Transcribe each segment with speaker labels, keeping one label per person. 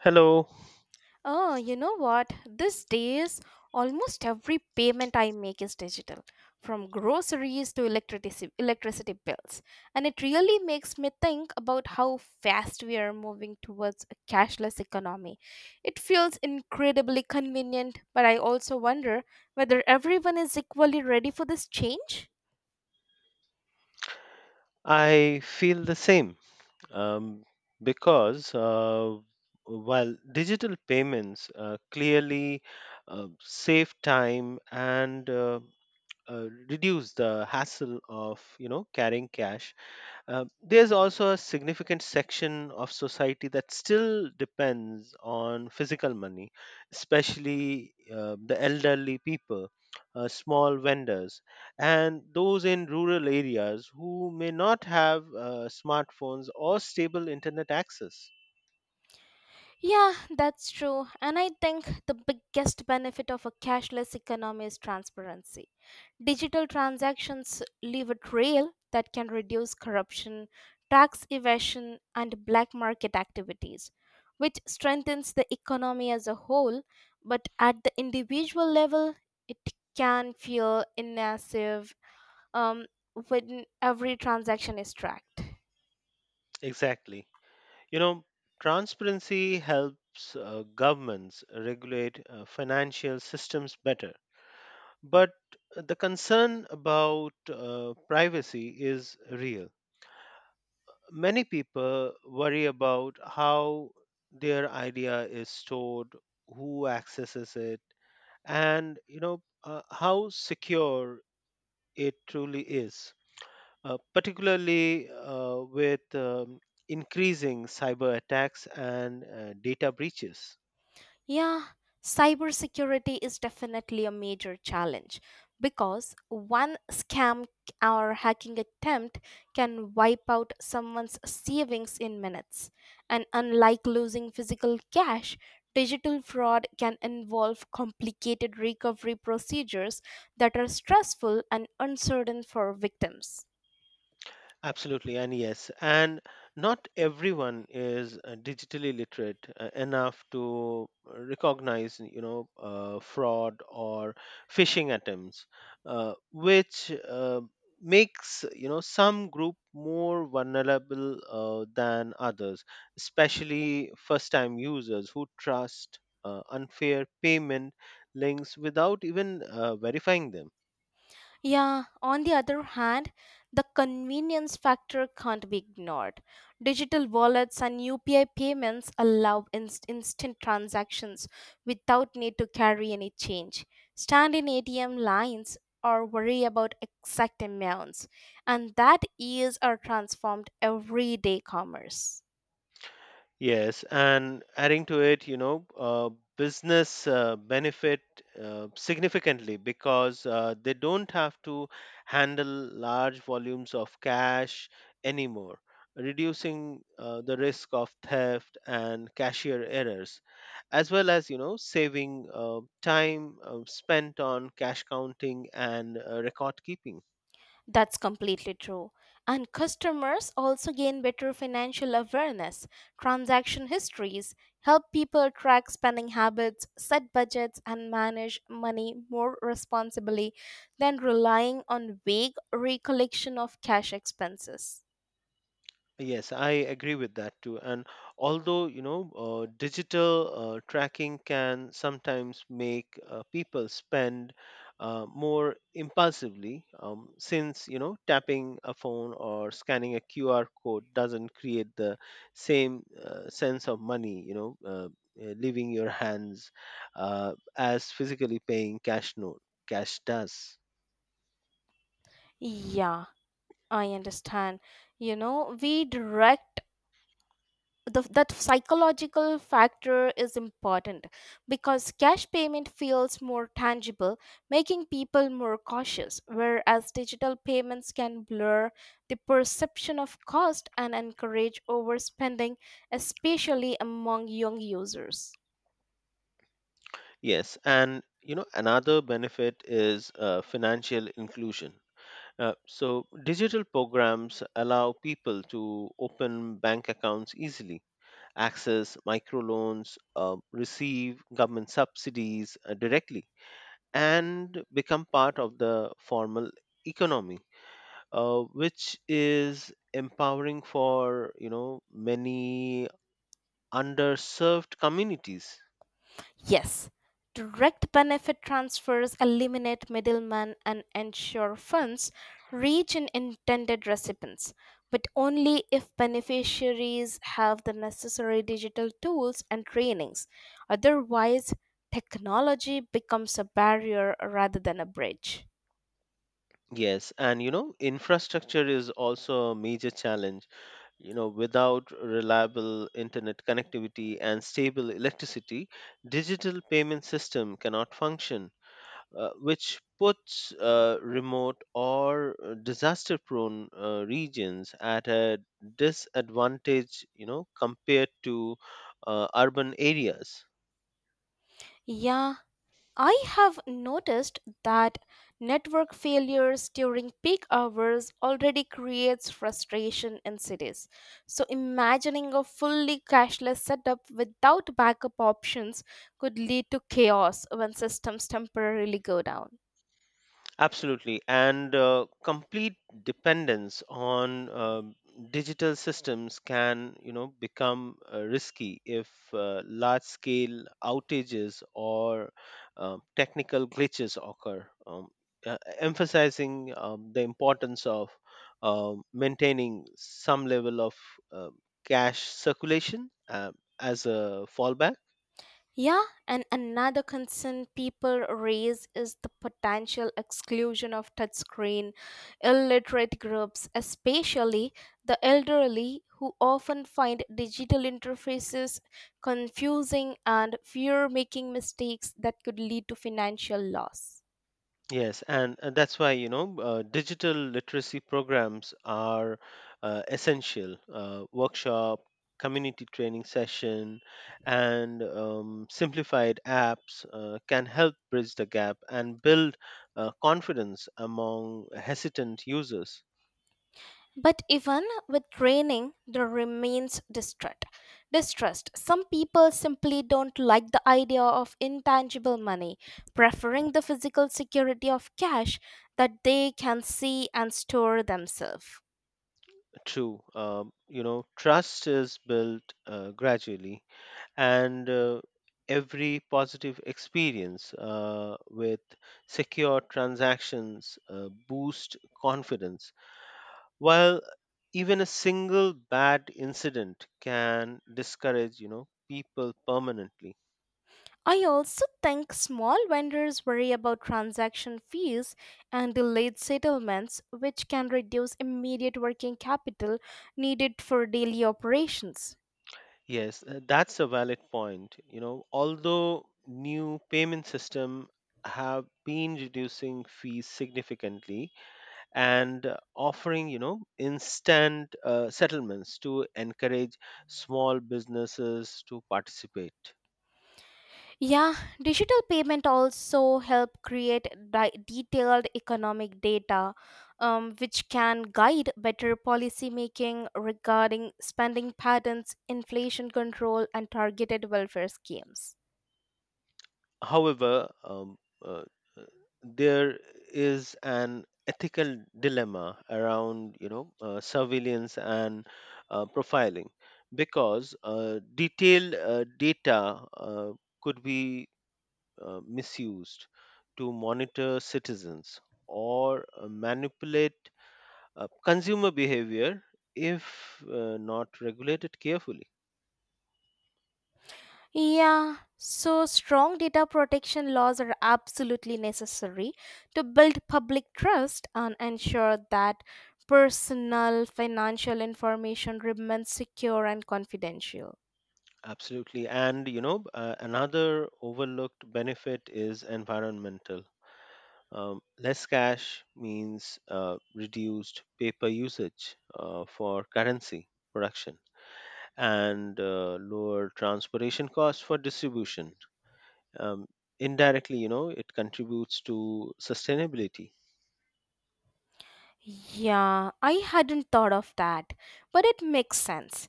Speaker 1: Hello.
Speaker 2: Oh, you know what? These days, almost every payment I make is digital, from groceries to electricity bills. And it really makes me think about how fast we are moving towards a cashless economy. It feels incredibly convenient, but I also wonder whether everyone is equally ready for this change.
Speaker 1: I feel the same, um, because while digital payments clearly save time and reduce the hassle of carrying cash. There's also a significant section of society that still depends on physical money, especially the elderly people, small vendors, and those in rural areas who may not have smartphones or stable internet access.
Speaker 2: Yeah, that's true. And I think the biggest benefit of a cashless economy is transparency. Digital transactions leave a trail that can reduce corruption, tax evasion, and black market activities, which strengthens the economy as a whole. But at the individual level, it can feel invasive um, when every transaction is tracked.
Speaker 1: Exactly. You know, transparency helps governments regulate financial systems better. But the concern about privacy is real. Many people worry about how their idea is stored, who accesses it, and how secure it truly is. Particularly with increasing cyber attacks and data breaches.
Speaker 2: Yeah, cybersecurity is definitely a major challenge because one scam or hacking attempt can wipe out someone's savings in minutes. And unlike losing physical cash, digital fraud can involve complicated recovery procedures that are stressful and uncertain for victims.
Speaker 1: Absolutely, and yes, and not everyone is digitally literate enough to recognize, you know, fraud or phishing attempts, which makes some group more vulnerable than others, especially first-time users who trust unfair payment links without even verifying them.
Speaker 2: Yeah, on the other hand, the convenience factor can't be ignored. Digital wallets and UPI payments allow instant transactions without need to carry any change, stand in ATM lines, or worry about exact amounts, and that is our transformed everyday commerce.
Speaker 1: Yes, and adding to it, you know, business benefit significantly because they don't have to handle large volumes of cash anymore, reducing the risk of theft and cashier errors, as well as, you know, saving time spent on cash counting and record keeping.
Speaker 2: That's completely true. And customers also gain better financial awareness. Transaction histories help people track spending habits, set budgets, and manage money more responsibly than relying on vague recollection of cash expenses.
Speaker 1: Yes, I agree with that too. And although, you know, digital tracking can sometimes make people spend more impulsively, since, you know, tapping a phone or scanning a QR code doesn't create the same sense of money, leaving your hands as physically paying cash does.
Speaker 2: Yeah, I understand. You know, we direct that psychological factor is important because cash payment feels more tangible, making people more cautious, whereas digital payments can blur the perception of cost and encourage overspending, especially among young users.
Speaker 1: Yes, and you know another benefit is financial inclusion. So, digital programs allow people to open bank accounts easily, access microloans, receive government subsidies directly, and become part of the formal economy, which is empowering for many underserved communities.
Speaker 2: Yes, direct benefit transfers eliminate middlemen and ensure funds reach in intended recipients, but only if beneficiaries have the necessary digital tools and trainings. Otherwise, technology becomes a barrier rather than a bridge.
Speaker 1: Yes, and you know, infrastructure is also a major challenge. You know, without reliable internet connectivity and stable electricity, digital payment system cannot function, which puts remote or disaster-prone regions at a disadvantage, you know, compared to urban areas.
Speaker 2: Yeah, I have noticed that network failures during peak hours already creates frustration in cities. So imagining a fully cashless setup without backup options could lead to chaos when systems temporarily go down.
Speaker 1: Absolutely. And complete dependence on digital systems can, you know, become risky if large scale outages or technical glitches occur, emphasizing the importance of maintaining some level of uh, cash circulation as a fallback.
Speaker 2: Yeah, and another concern people raise is the potential exclusion of touchscreen illiterate groups, especially the elderly who often find digital interfaces confusing and fear making mistakes that could lead to financial loss.
Speaker 1: Yes, and that's why digital literacy programs are essential. Workshop, community training session, and simplified apps can help bridge the gap and build confidence among hesitant users.
Speaker 2: But even with training, there remains distrust. Distrust. Some people simply don't like the idea of intangible money, preferring the physical security of cash that they can see and store themselves.
Speaker 1: True, you know, trust is built gradually and every positive experience with secure transactions boost confidence while even a single bad incident can discourage people permanently.
Speaker 2: I also think small vendors worry about transaction fees and delayed settlements, which can reduce immediate working capital needed for daily operations.
Speaker 1: Yes, that's a valid point, you know, although new payment system have been reducing fees significantly and offering instant settlements to encourage small businesses to participate.
Speaker 2: Yeah, digital payment also help create detailed economic data, which can guide better policy making regarding spending patterns, inflation control, and targeted welfare schemes.
Speaker 1: However, uh, uh, there is an ethical dilemma around surveillance and profiling because detailed data could be misused to monitor citizens or manipulate consumer behavior if not regulated carefully.
Speaker 2: Yeah, so strong data protection laws are absolutely necessary to build public trust and ensure that personal financial information remains secure and confidential.
Speaker 1: Absolutely, and another overlooked benefit is environmental. Less cash means reduced paper usage for currency production and lower transportation costs for distribution. um, Indirectly, you know, it contributes to sustainability.
Speaker 2: Yeah, I hadn't thought of that, but it makes sense.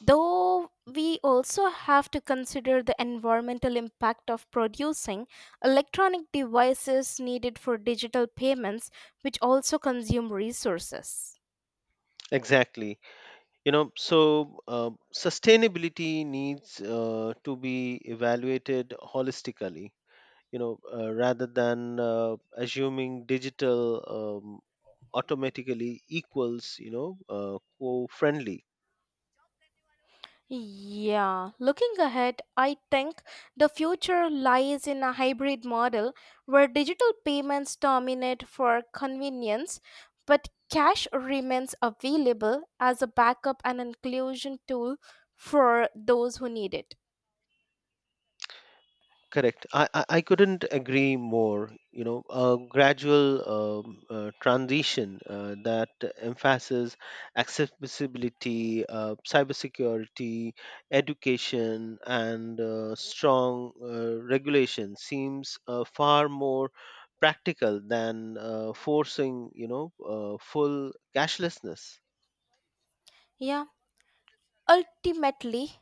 Speaker 2: Though we also have to consider the environmental impact of producing electronic devices needed for digital payments, which also consume resources.
Speaker 1: Exactly. You know, sustainability needs to be evaluated holistically, rather than assuming digital um, automatically equals co friendly.
Speaker 2: Yeah, looking ahead, I think the future lies in a hybrid model where digital payments dominate for convenience, but cash remains available as a backup and inclusion tool for those who need it.
Speaker 1: Correct. I couldn't agree more. You know, a gradual transition that emphasizes accessibility, cybersecurity, education, and strong regulation seems far more practical than forcing, you know, full cashlessness.
Speaker 2: Yeah. Ultimately,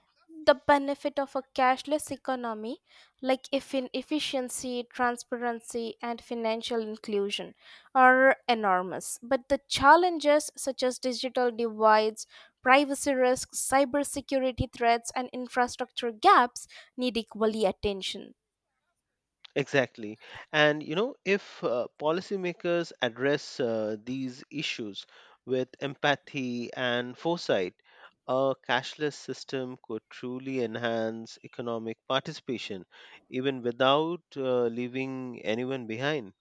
Speaker 2: the benefit of a cashless economy, like if in efficiency, transparency, and financial inclusion, are enormous. But the challenges, such as digital divides, privacy risks, cybersecurity threats, and infrastructure gaps, need equally attention.
Speaker 1: Exactly. And, you know, if policymakers address these issues with empathy and foresight, a cashless system could truly enhance economic participation, even without leaving anyone behind.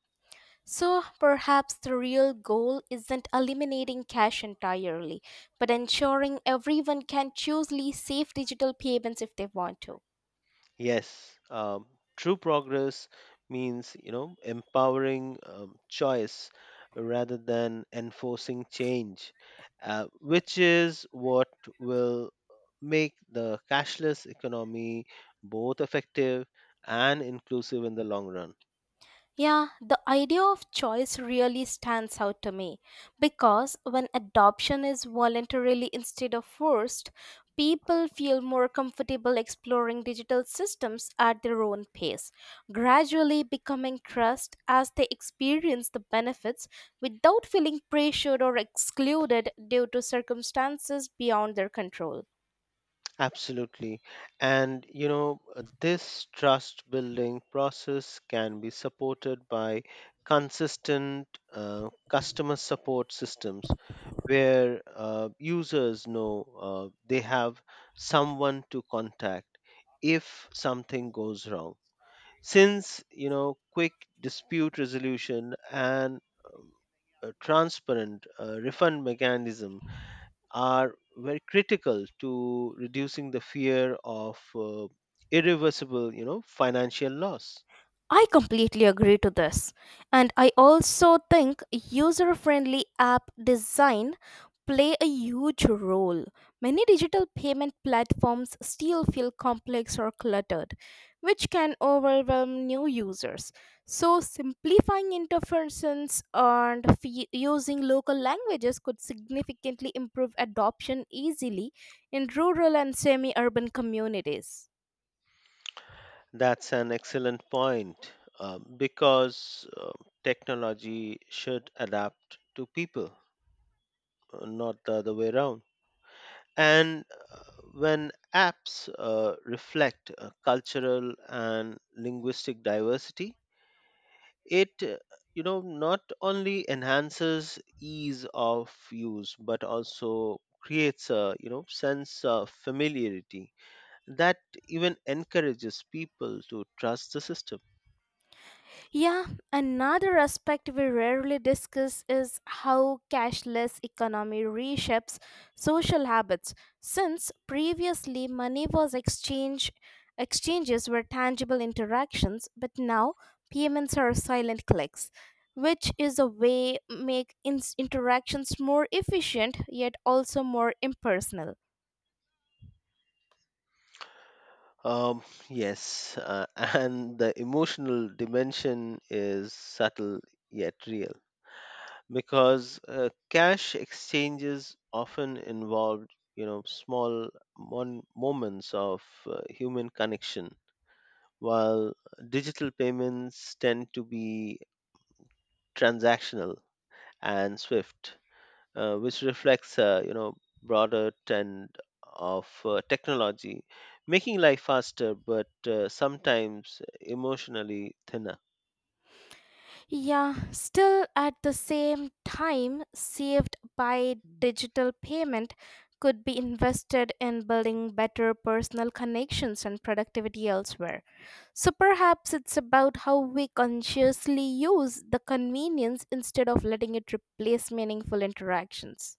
Speaker 2: So, perhaps the real goal isn't eliminating cash entirely, but ensuring everyone can choose safe digital payments if they want to.
Speaker 1: Yes, true progress means empowering choice rather than enforcing change, which is what will make the cashless economy both effective and inclusive in the long run.
Speaker 2: Yeah, the idea of choice really stands out to me because when adoption is voluntarily instead of forced, people feel more comfortable exploring digital systems at their own pace, gradually becoming trust as they experience the benefits without feeling pressured or excluded due to circumstances beyond their control.
Speaker 1: Absolutely, and this trust building process can be supported by consistent customer support systems where users know they have someone to contact if something goes wrong. Since, you know, quick dispute resolution and um, a transparent refund mechanism are very critical to reducing the fear of irreversible financial loss.
Speaker 2: I completely agree to this. And I also think user friendly app design play a huge role. Many digital payment platforms still feel complex or cluttered, which can overwhelm new users. So simplifying interfaces and using local languages could significantly improve adoption easily in rural and semi-urban communities.
Speaker 1: That's an excellent point, because technology should adapt to people, not the other way around. And uh, when apps reflect cultural and linguistic diversity, it you know not only enhances ease of use but also creates a sense of familiarity that even encourages people to trust the system.
Speaker 2: Yeah, another aspect we rarely discuss is how cashless economy reshapes social habits. Since previously money was exchanges were tangible interactions, but now payments are silent clicks, which is a way make ins interactions more efficient yet also more impersonal.
Speaker 1: um yes, and the emotional dimension is subtle yet real because cash exchanges often involved, you know, small moments of human connection while digital payments tend to be transactional and swift, which reflects, broader trend of technology making life faster but sometimes emotionally thinner.
Speaker 2: Yeah, still at the same time, saved by digital payment could be invested in building better personal connections and productivity elsewhere. So perhaps it's about how we consciously use the convenience instead of letting it replace meaningful interactions.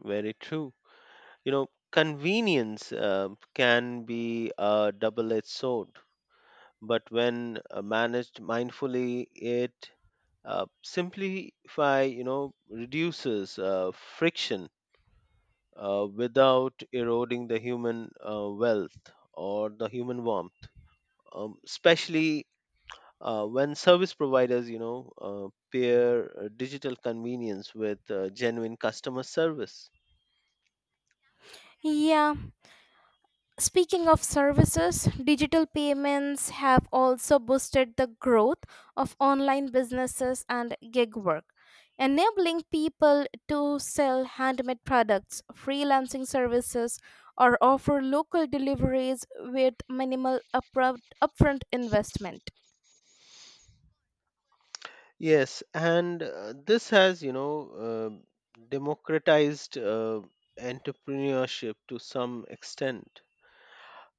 Speaker 1: Very true. You know, convenience can be a double edged sword, but when managed mindfully, it simplify, you know, reduces friction without eroding the human wealth or the human warmth, especially when service providers, you know, pair digital convenience with genuine customer service.
Speaker 2: Yeah, speaking of services, digital payments have also boosted the growth of online businesses and gig work, enabling people to sell handmade products, freelancing services, or offer local deliveries with minimal upfront investment.
Speaker 1: Yes, and this has, you know, democratized entrepreneurship to some extent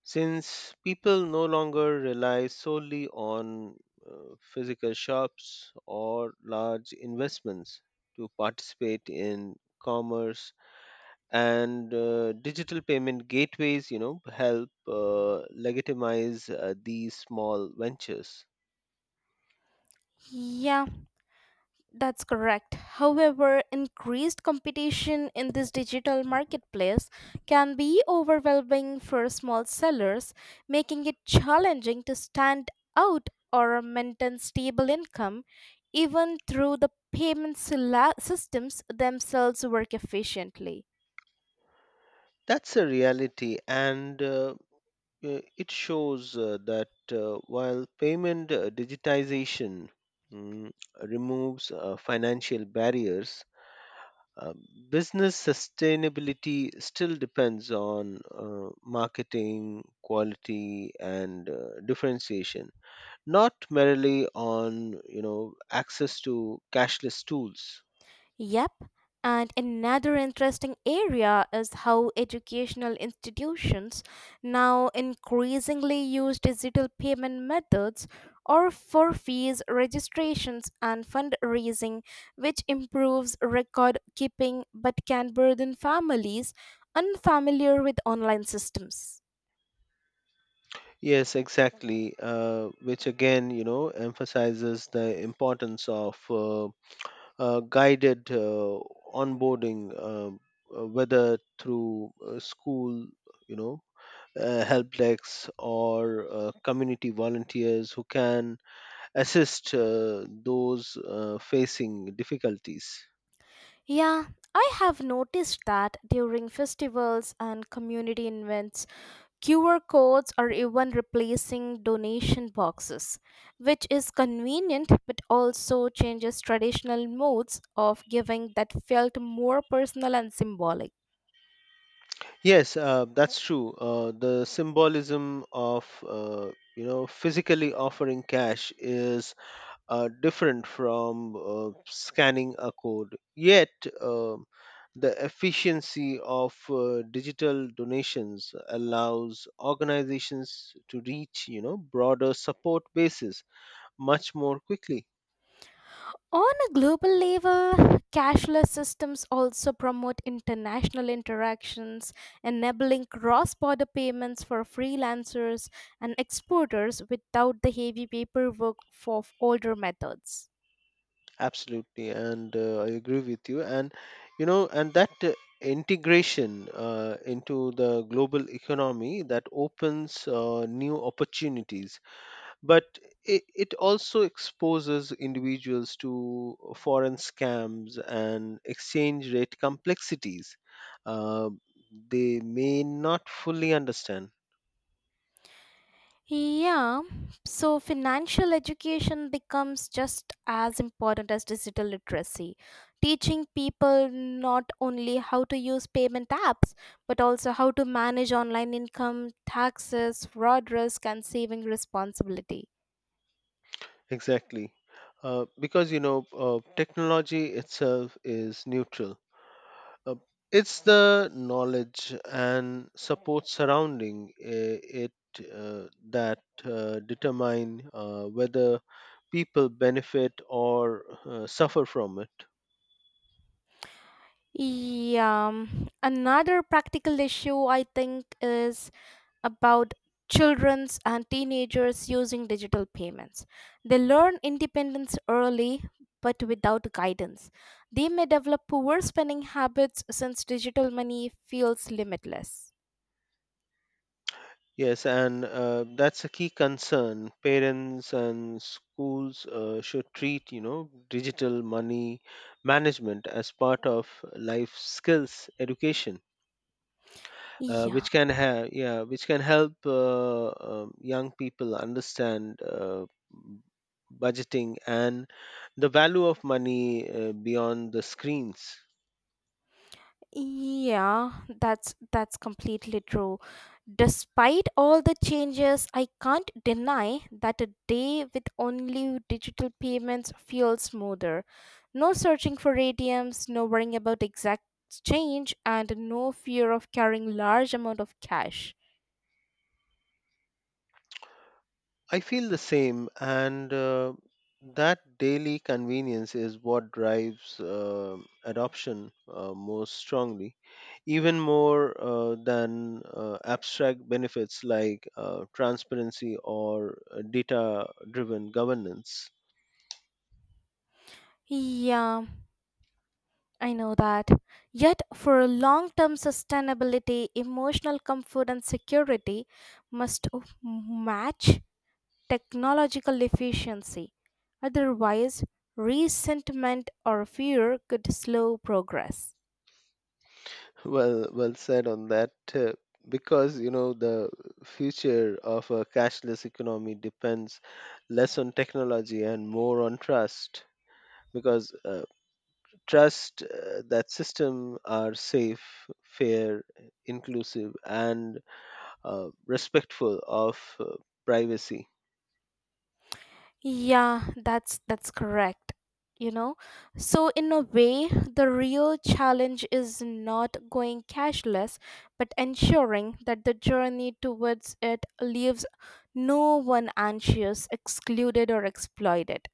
Speaker 1: since people no longer rely solely on physical shops or large investments to participate in commerce, and digital payment gateways, you know, help legitimize these small ventures.
Speaker 2: Yeah. That's correct. However, increased competition in this digital marketplace can be overwhelming for small sellers, making it challenging to stand out or maintain stable income, even through the systems themselves work efficiently.
Speaker 1: That's a reality, and it shows that while payment digitization mm, removes financial barriers, uh, business sustainability still depends on marketing, quality, and differentiation, not merely on access to cashless tools.
Speaker 2: Yep, and another interesting area is how educational institutions now increasingly use digital payment methods or for fees registrations and fundraising, which improves record keeping but can burden families unfamiliar with online systems.
Speaker 1: Yes, exactly. Which again, you know, emphasizes the importance of guided onboarding, whether through school, you know, help decks or community volunteers who can assist those facing difficulties.
Speaker 2: Yeah, I have noticed that during festivals and community events, QR codes are even replacing donation boxes, which is convenient but also changes traditional modes of giving that felt more personal and symbolic.
Speaker 1: Yes, that's true. The symbolism of you know physically offering cash is different from scanning a code. Yet, um the efficiency of digital donations allows organizations to reach broader support bases much more quickly.
Speaker 2: On a global level, cashless systems also promote international interactions, enabling cross border payments for freelancers and exporters without the heavy paperwork of older methods.
Speaker 1: Absolutely, and I agree with you. And, you know, and that integration into the global economy that opens new opportunities, but it also exposes individuals to foreign scams and exchange rate complexities uh, they may not fully understand.
Speaker 2: Yeah, so financial education becomes just as important as digital literacy. Teaching people not only how to use payment apps, but also how to manage online income, taxes, fraud risk, and saving responsibility.
Speaker 1: Exactly, because technology itself is neutral. uh, it's the knowledge and support surrounding it that determine whether people benefit or suffer from it.
Speaker 2: Yeah, another practical issue I think is about children's and teenagers using digital payments. They learn independence early but without guidance. They may develop poor spending habits since digital money feels limitless.
Speaker 1: Yes, and that's a key concern. Parents and schools should treat, you know, digital money management as part of life skills education,
Speaker 2: Yeah.
Speaker 1: which can have, yeah, which can help young people understand m- budgeting and the value of money beyond the screens.
Speaker 2: Yeah, that's completely true. Despite all the changes, I can't deny that a day with only digital payments feels smoother. No searching for ATMs, no worrying about exact change, and no fear of carrying large amount of cash.
Speaker 1: I feel the same, and that daily convenience is what drives adoption most strongly, even more than abstract benefits like transparency or data driven governance.
Speaker 2: Yeah, I know that. Yet, for long term sustainability, emotional comfort and security must match technological efficiency. Otherwise, resentment or fear could slow progress.
Speaker 1: Well, well said on that. Because, you know, the future of a cashless economy depends less on technology and more on trust because trust that system are safe, fair, inclusive, and respectful of privacy.
Speaker 2: Yeah, that's correct. You know, so in a way, the real challenge is not going cashless, but ensuring that the journey towards it leaves no one anxious, excluded, or exploited.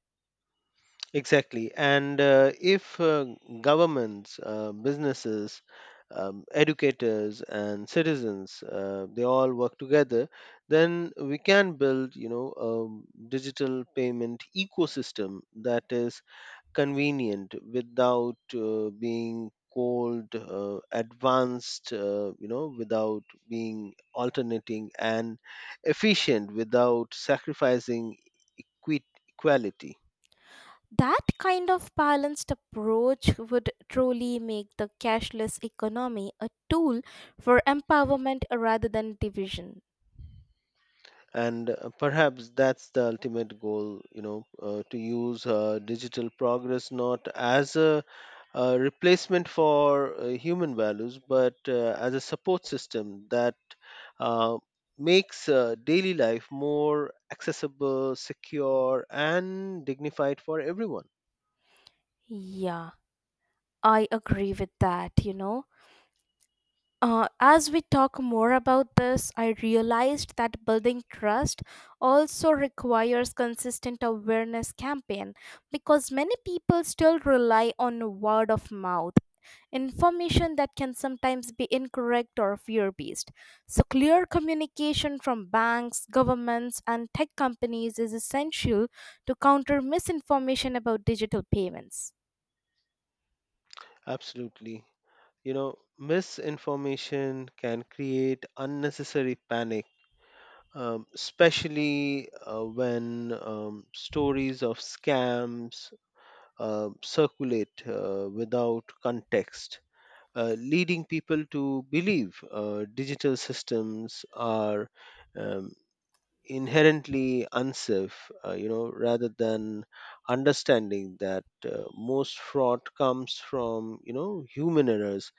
Speaker 1: Exactly. And if governments, businesses, educators and citizens they all work together, then we can build, you know, a digital payment ecosystem that is convenient without being cold, advanced you know without being alternating, and efficient without sacrificing equality.
Speaker 2: That kind of balanced approach would truly make the cashless economy a tool for empowerment rather than division.
Speaker 1: And perhaps that's the ultimate goal, to use digital progress not as a replacement for human values, but as a support system that uh, makes daily life more accessible, secure, and dignified for everyone.
Speaker 2: Yeah, I agree with that, you know. As we talk more about this, I realized that building trust also requires consistent awareness campaign because many people still rely on word of mouth information that can sometimes be incorrect or fear based. So, clear communication from banks, governments, and tech companies is essential to counter misinformation about digital payments.
Speaker 1: Absolutely. You know, misinformation can create unnecessary panic, especially when stories of scams circulate without context, leading people to believe digital systems are um, inherently unsafe, you know, rather than understanding that most fraud comes from, you know, human errors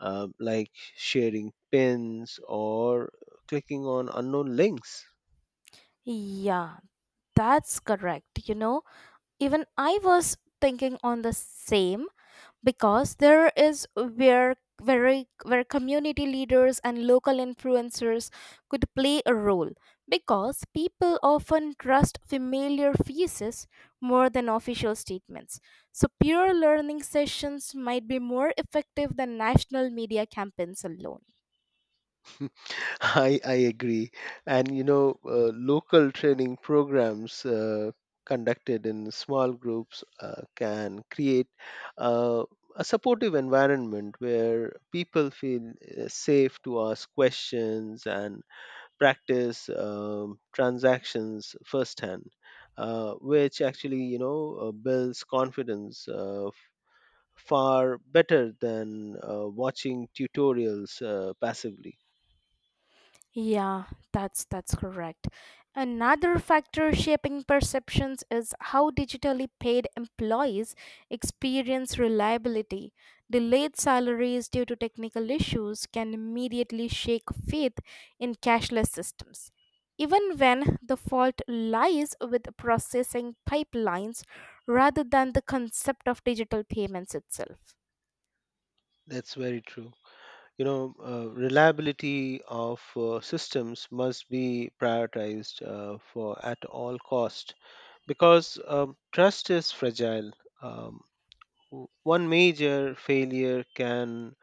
Speaker 1: like sharing pins or clicking on unknown links.
Speaker 2: Yeah, that's correct. You know, even I was thinking on the same because there is where community leaders and local influencers could play a role because people often trust familiar faces more than official statements, so peer learning sessions might be more effective than national media campaigns alone.
Speaker 1: I agree. And, you know, local training programs conducted in small groups can create uh, a supportive environment where people feel safe to ask questions and practice transactions firsthand, which actually, you know, builds confidence far better than watching tutorials passively.
Speaker 2: Yeah, that's correct. Another factor shaping perceptions is how digitally paid employees experience reliability. Delayed salaries due to technical issues can immediately shake faith in cashless systems, even when the fault lies with processing pipelines rather than the concept of digital payments itself.
Speaker 1: That's very true. You know, reliability of systems must be prioritized for at all cost because trust is fragile. um, One major failure can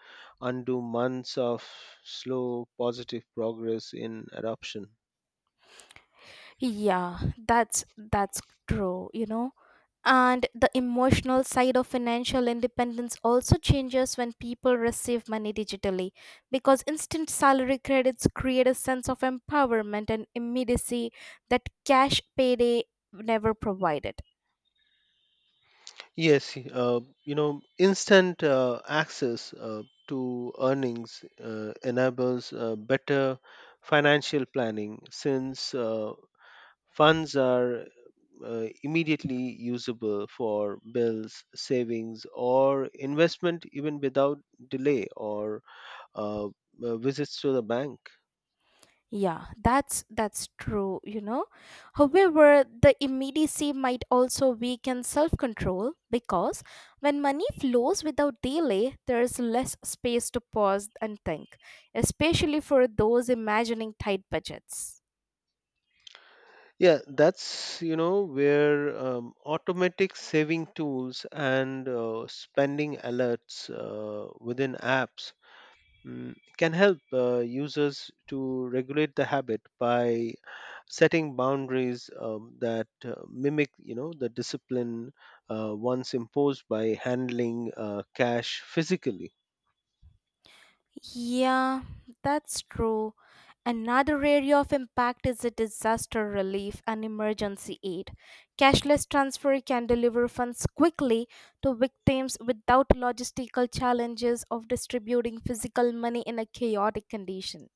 Speaker 1: undo months of slow positive progress in adoption.
Speaker 2: Yeah, that's true, you know. And the emotional side of financial independence also changes when people receive money digitally because instant salary credits create a sense of empowerment and immediacy that cash payday never provided.
Speaker 1: Yes, you know, instant access to earnings enables better financial planning since funds are immediately usable for bills, savings, or investment even without delay or uh, visits to the bank.
Speaker 2: Yeah, that's true, you know. However, the immediacy might also weaken self-control because when money flows without delay, there is less space to pause and think, especially for those imagining tight budgets.
Speaker 1: Yeah, that's, you know, where automatic saving tools and spending alerts within apps can help users to regulate the habit by setting boundaries that mimic, you know, the discipline once imposed by handling cash physically.
Speaker 2: Yeah, that's true. Another area of impact is the disaster relief and emergency aid. Cashless transfer can deliver funds quickly to victims without logistical challenges of distributing physical money in a chaotic condition.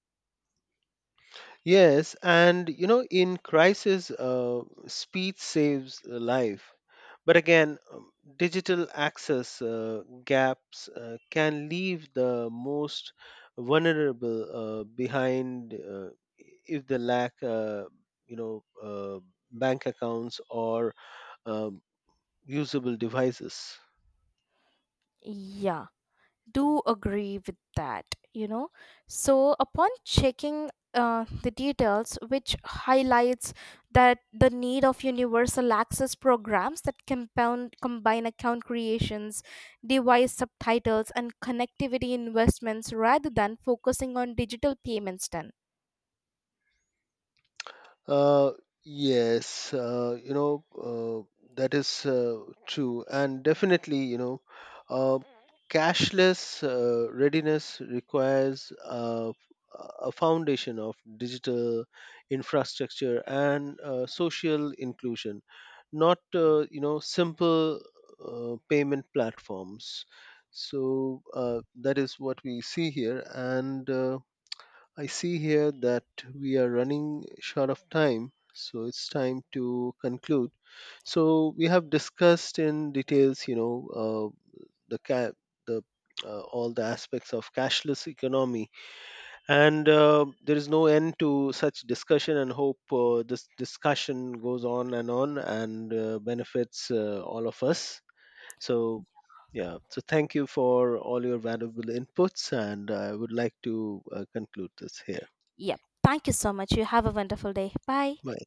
Speaker 1: Yes, and, you know, in crisis, speed saves a life. But again, digital access gaps can leave the most vulnerable behind if they lack, you know, uh, bank accounts or um, usable devices.
Speaker 2: Yeah, do agree with that, you know. So upon checking the details, which highlights that the need of universal access programs that compound combine account creations, device subtitles, and connectivity investments rather than focusing on digital payments then.
Speaker 1: Uh, yes, that is true. And definitely, you know, uh, cashless readiness requires a foundation of digital infrastructure and social inclusion, not, simple payment platforms. So that is what we see here. And I see here that we are running short of time, so it's time to conclude. So we have discussed in details, you know, the ca- the all the aspects of cashless economy, and there is no end to such discussion. And hope this discussion goes on and benefits all of us. So. Yeah, so thank you for all your valuable inputs, and I would like to conclude this here.
Speaker 2: Yep, thank you so much. You have a wonderful day. Bye.
Speaker 1: Bye.